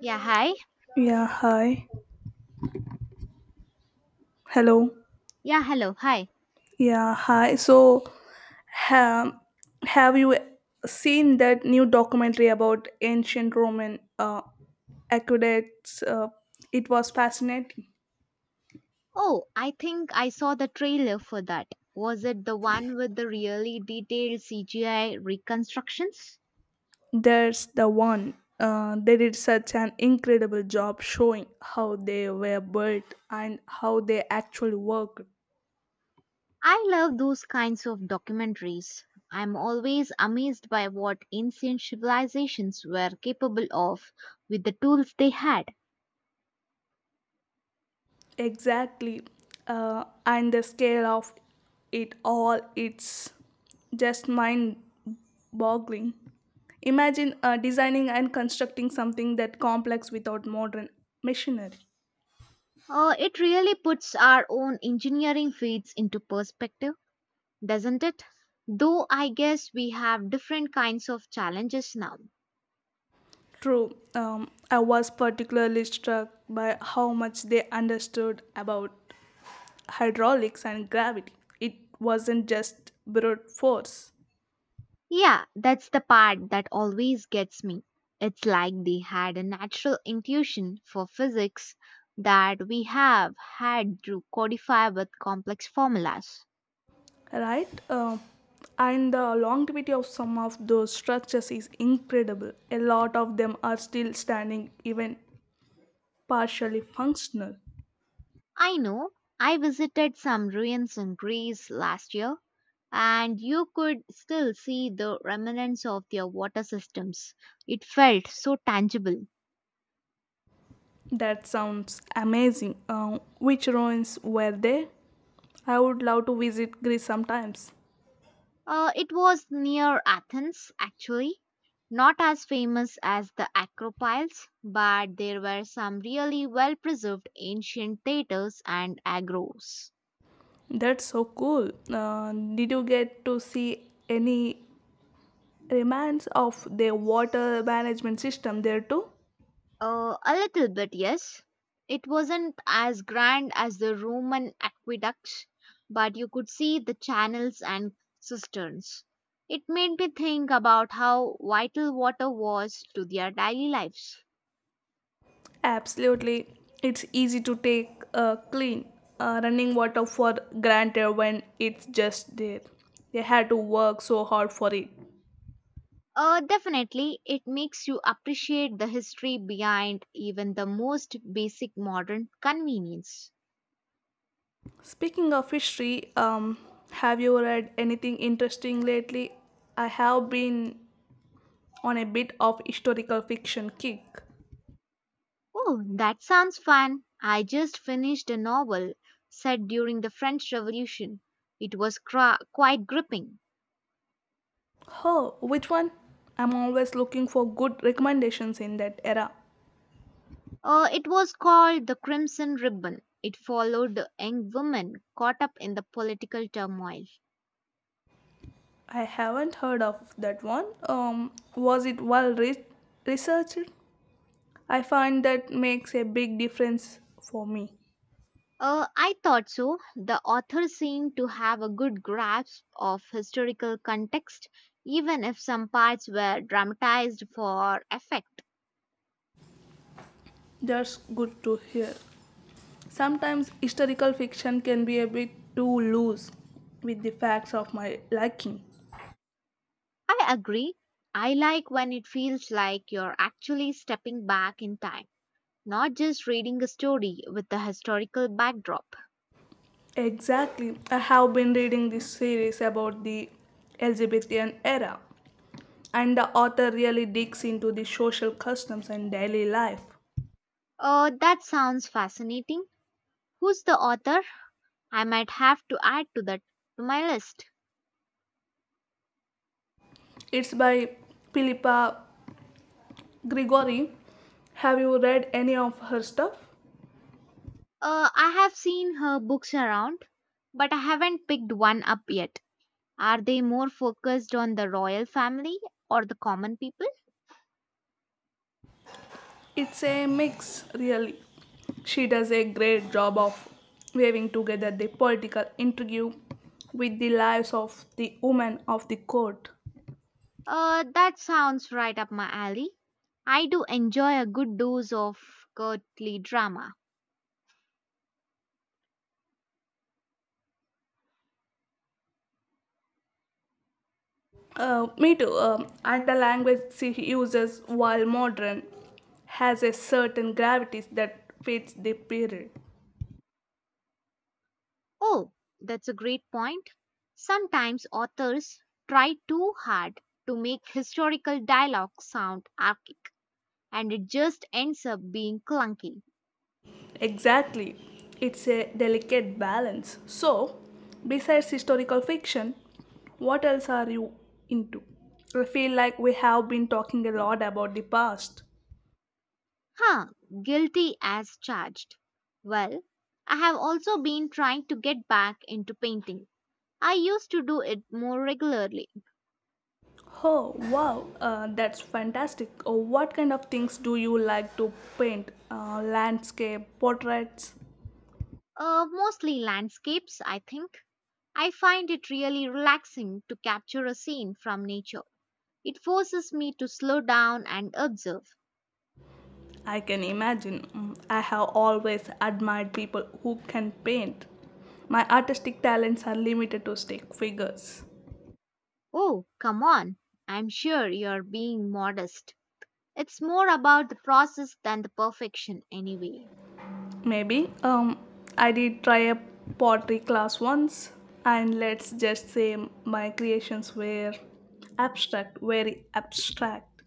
Yeah, hi. Yeah, hi. Hello. Yeah, hello. Hi. Yeah, hi. So, ha- have you seen that new documentary about ancient Roman aqueducts? It was fascinating. Oh, I think I saw the trailer for that. Was it the one with the really detailed CGI reconstructions? There's the one. They did such an incredible job showing how they were built and how they actually worked. I love those kinds of documentaries. I'm always amazed by what ancient civilizations were capable of with the tools they had. Exactly, and the scale of it all, it's just mind boggling. Imagine designing and constructing something that complex without modern machinery. It really puts our own engineering feats into perspective, doesn't it? Though I guess we have different kinds of challenges now. True. I was particularly struck by how much they understood about hydraulics and gravity. It wasn't just brute force, Yeah, that's the part that always gets me. It's like they had a natural intuition for physics that we have had to codify with complex formulas. right? And the longevity of some of those structures is incredible. A lot of them are still standing, even partially functional. I know I visited some ruins in Greece last year, and you could still see the remnants of their water systems. It felt so tangible. That sounds amazing. Which ruins were they? I would love to visit Greece sometimes. It was near Athens, actually. Not as famous as the Acropiles, but there were some really well preserved ancient theatres and agros. That's so cool. Did you get to see any remains of their water management system there too? A little bit, yes. It wasn't as grand as the Roman aqueducts, but you could see the channels and cisterns. It made me think about how vital water was to their daily lives. Absolutely. It's easy to take clean running water for granted when it's just there. They had to work so hard for it. Definitely, it makes you appreciate the history behind even the most basic modern convenience. Speaking of history, have you read anything interesting lately? I have been on a bit of historical fiction kick. Oh, that sounds fun. I just finished a novel set during the French Revolution. It was quite gripping. Oh, which one? I'm always looking for good recommendations in that era. It was called The Crimson Ribbon. It followed a young woman caught up in the political turmoil. I haven't heard of that one. Was it researched? I find that makes a big difference for me. I thought so. The author seemed to have a good grasp of historical context, even if some parts were dramatized for effect. That's good to hear. Sometimes historical fiction can be a bit too loose with the facts of my liking. I agree. I like when it feels like you're actually stepping back in time, not just reading a story with a historical backdrop. Exactly. I have been reading this series about the Elizabethan era, and the author really digs into the social customs and daily life. That sounds fascinating. Who's the author? I might have to add to that to my list. It's by Philippa Gregory. Have you read any of her stuff? I have seen her books around, but I haven't picked one up yet. Are they more focused on the royal family or the common people? It's a mix, really. She does a great job of weaving together the political intrigue with the lives of the women of the court. That sounds right up my alley. I do enjoy a good dose of courtly drama. Me too. And the language she uses, while modern, has a certain gravity that fits the period. Oh, that's a great point. Sometimes authors try too hard to make historical dialogue sound archaic, and it just ends up being clunky. Exactly. It's a delicate balance. So, besides historical fiction, what else are you into? I feel like we have been talking a lot about the past. Huh, guilty as charged. Well, I have also been trying to get back into painting. I used to do it more regularly, Oh, wow, that's fantastic. Oh, what kind of things do you like to paint? Landscape, portraits? Mostly landscapes, I think. I find it really relaxing to capture a scene from nature. It forces me to slow down and observe. I can imagine. Mm, I have always admired people who can paint. My artistic talents are limited to stick figures. Oh, come on. I'm sure you're being modest. It's more about the process than the perfection, anyway. Maybe. I did try a pottery class once, and let's just say my creations were abstract, very abstract.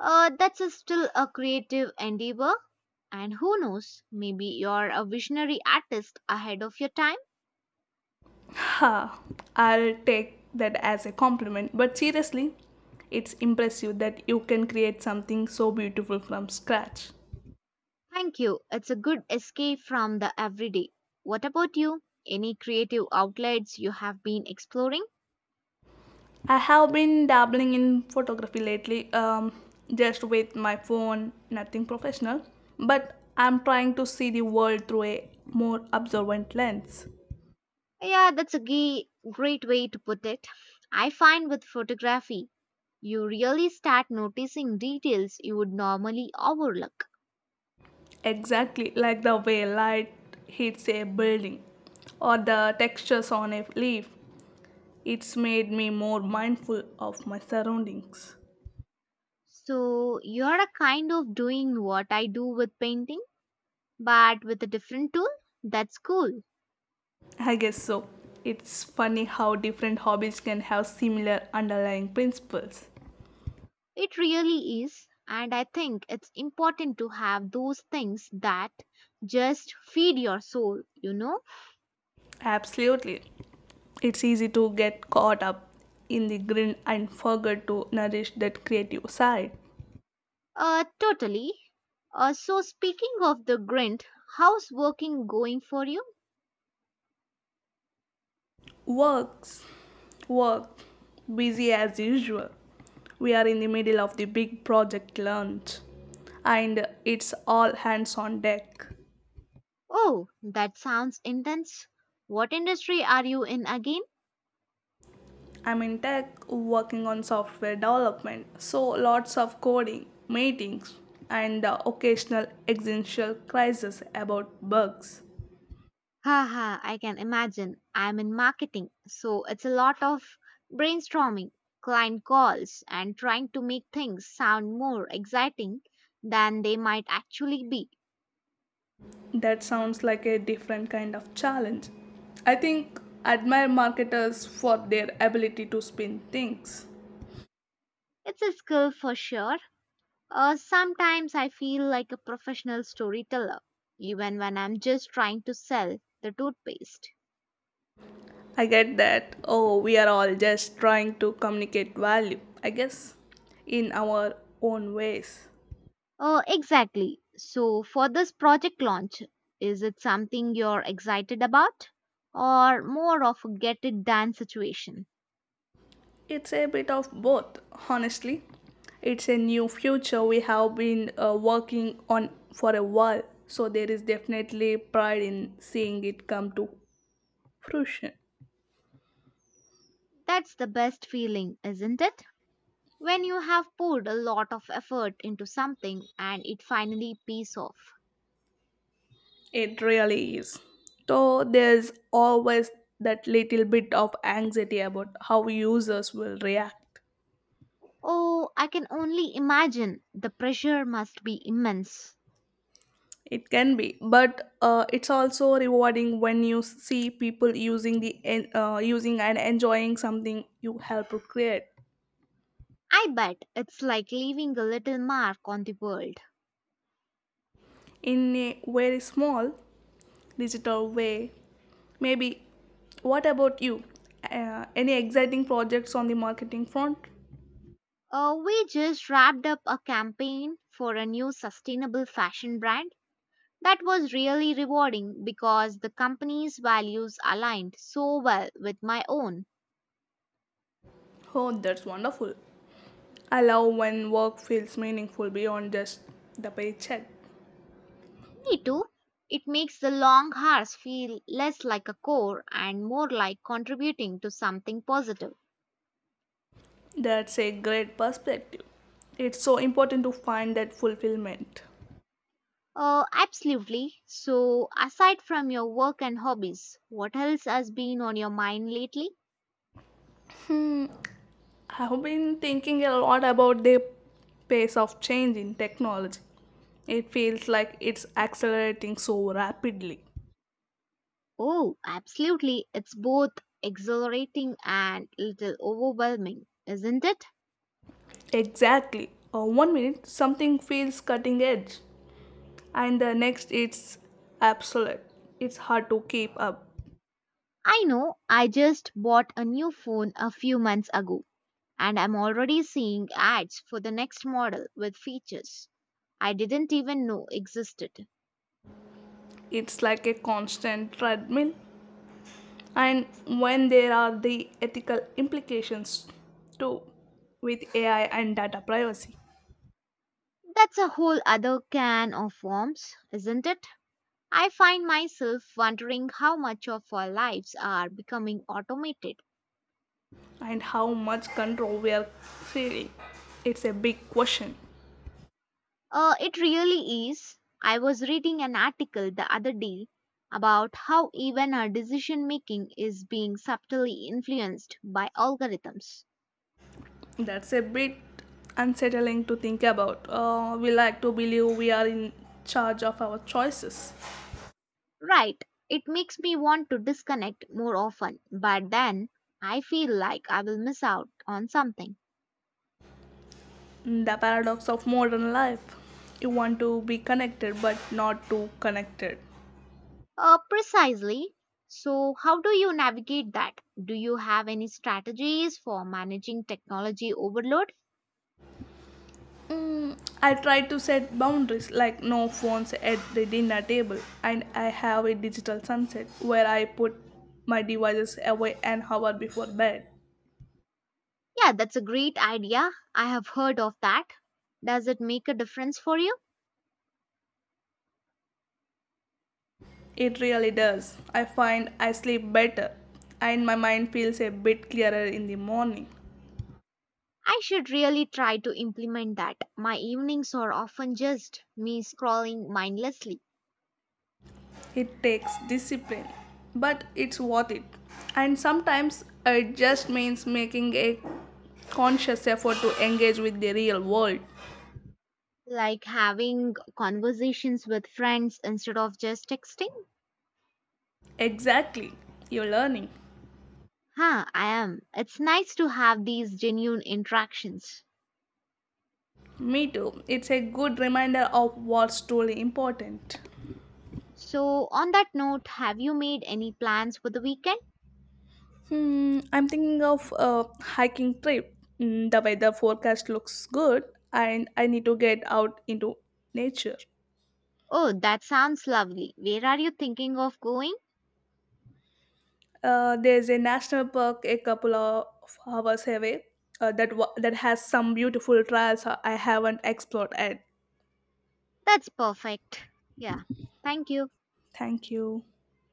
That's a still a creative endeavor. And who knows, maybe you're a visionary artist ahead of your time. Ha! I'll take that as a compliment, but seriously, it's impressive that you can create something so beautiful from scratch. Thank you. It's a good escape from the everyday. What about you? Any creative outlets you have been exploring? I have been dabbling in photography lately, just with my phone, nothing professional, but I'm trying to see the world through a more observant lens. Yeah, that's a great way to put it. I find with photography, you really start noticing details you would normally overlook. Exactly, like the way light hits a building or the textures on a leaf. It's made me more mindful of my surroundings. So, you're a kind of doing what I do with painting but with a different tool, that's cool. I guess so. It's funny how different hobbies can have similar underlying principles. It really is. And I think it's important to have those things that just feed your soul, you know? Absolutely. It's easy to get caught up in the grind and forget to nourish that creative side. Totally. So, speaking of the grind, how's working going for you? Works, work, busy as usual. We are in the middle of the big project launch, and it's all hands on deck. Oh, that sounds intense. What industry are you in again? I'm in tech, working on software development, so lots of coding, meetings, and the occasional existential crisis about bugs. Haha, I can imagine. I'm in marketing, so it's a lot of brainstorming, client calls, and trying to make things sound more exciting than they might actually be. That sounds like a different kind of challenge. I think admire marketers for their ability to spin things. It's a skill for sure. Sometimes I feel like a professional storyteller, even when I'm just trying to sell the toothpaste. I get that. Oh, we are all just trying to communicate value, I guess, in our own ways. Oh, exactly. So, for this project launch, is it something you're excited about? Or more of a get it done situation? It's a bit of both, honestly. It's a new future we have been working on for a while, so there is definitely pride in seeing it come to fruition. That's the best feeling, isn't it? When you have poured a lot of effort into something and it finally pays off. It really is. Though there's always that little bit of anxiety about how users will react. Oh, I can only imagine the pressure must be immense. It can be, but it's also rewarding when you see people using and enjoying something you help to create I bet it's like leaving a little mark on the world. in a very small digital way. Maybe. What about you? Any exciting projects on the marketing front? We just wrapped up a campaign for a new sustainable fashion brand that was really rewarding because the company's values aligned so well with my own. Oh, that's wonderful. I love when work feels meaningful beyond just the paycheck. Me too. It makes the long hours feel less like a chore and more like contributing to something positive. That's a great perspective. It's so important to find that fulfillment. Absolutely. So, aside from your work and hobbies, what else has been on your mind lately? I've been thinking a lot about the pace of change in technology. It feels like it's accelerating so rapidly. Oh, absolutely. It's both exhilarating and little overwhelming, isn't it? Exactly. One minute something feels cutting edge, and the next it's obsolete. It's hard to keep up. I know. I just bought a new phone a few months ago and I'm already seeing ads for the next model with features I didn't even know existed. It's like a constant treadmill, and when there are the ethical implications too, with AI and data privacy. That's a whole other can of worms, isn't it? I find myself wondering how much of our lives are becoming automated. And how much control we are feeling. It's a big question. It really is. I was reading an article the other day about how even our decision making is being subtly influenced by algorithms. That's a bit unsettling to think about. We like to believe we are in charge of our choices. Right, it makes me want to disconnect more often, but then I feel like I will miss out on something. The paradox of modern life. You want to be connected but not too connected. Precisely. So, how do you navigate that? Do you have any strategies for managing technology overload? Mm, I try to set boundaries like no phones at the dinner table, and I have a digital sunset where I put my devices away an hour before bed. Yeah, that's a great idea. I have heard of that. Does it make a difference for you? It really does. I find I sleep better and my mind feels a bit clearer in the morning. I should really try to implement that. My evenings are often just me scrolling mindlessly. It takes discipline, but it's worth it. And sometimes it just means making a conscious effort to engage with the real world. Like having conversations with friends instead of just texting? Exactly, you're learning. Huh, I am. It's nice to have these genuine interactions. Me too. It's a good reminder of what's truly important. So, on that note, have you made any plans for the weekend? Hmm, I'm thinking of a hiking trip. Mm, the weather forecast looks good, and I need to get out into nature. Oh, that sounds lovely. Where are you thinking of going? There's a national park a couple of hours away that has some beautiful trails I haven't explored yet. That's perfect. Yeah. Thank you. Thank you.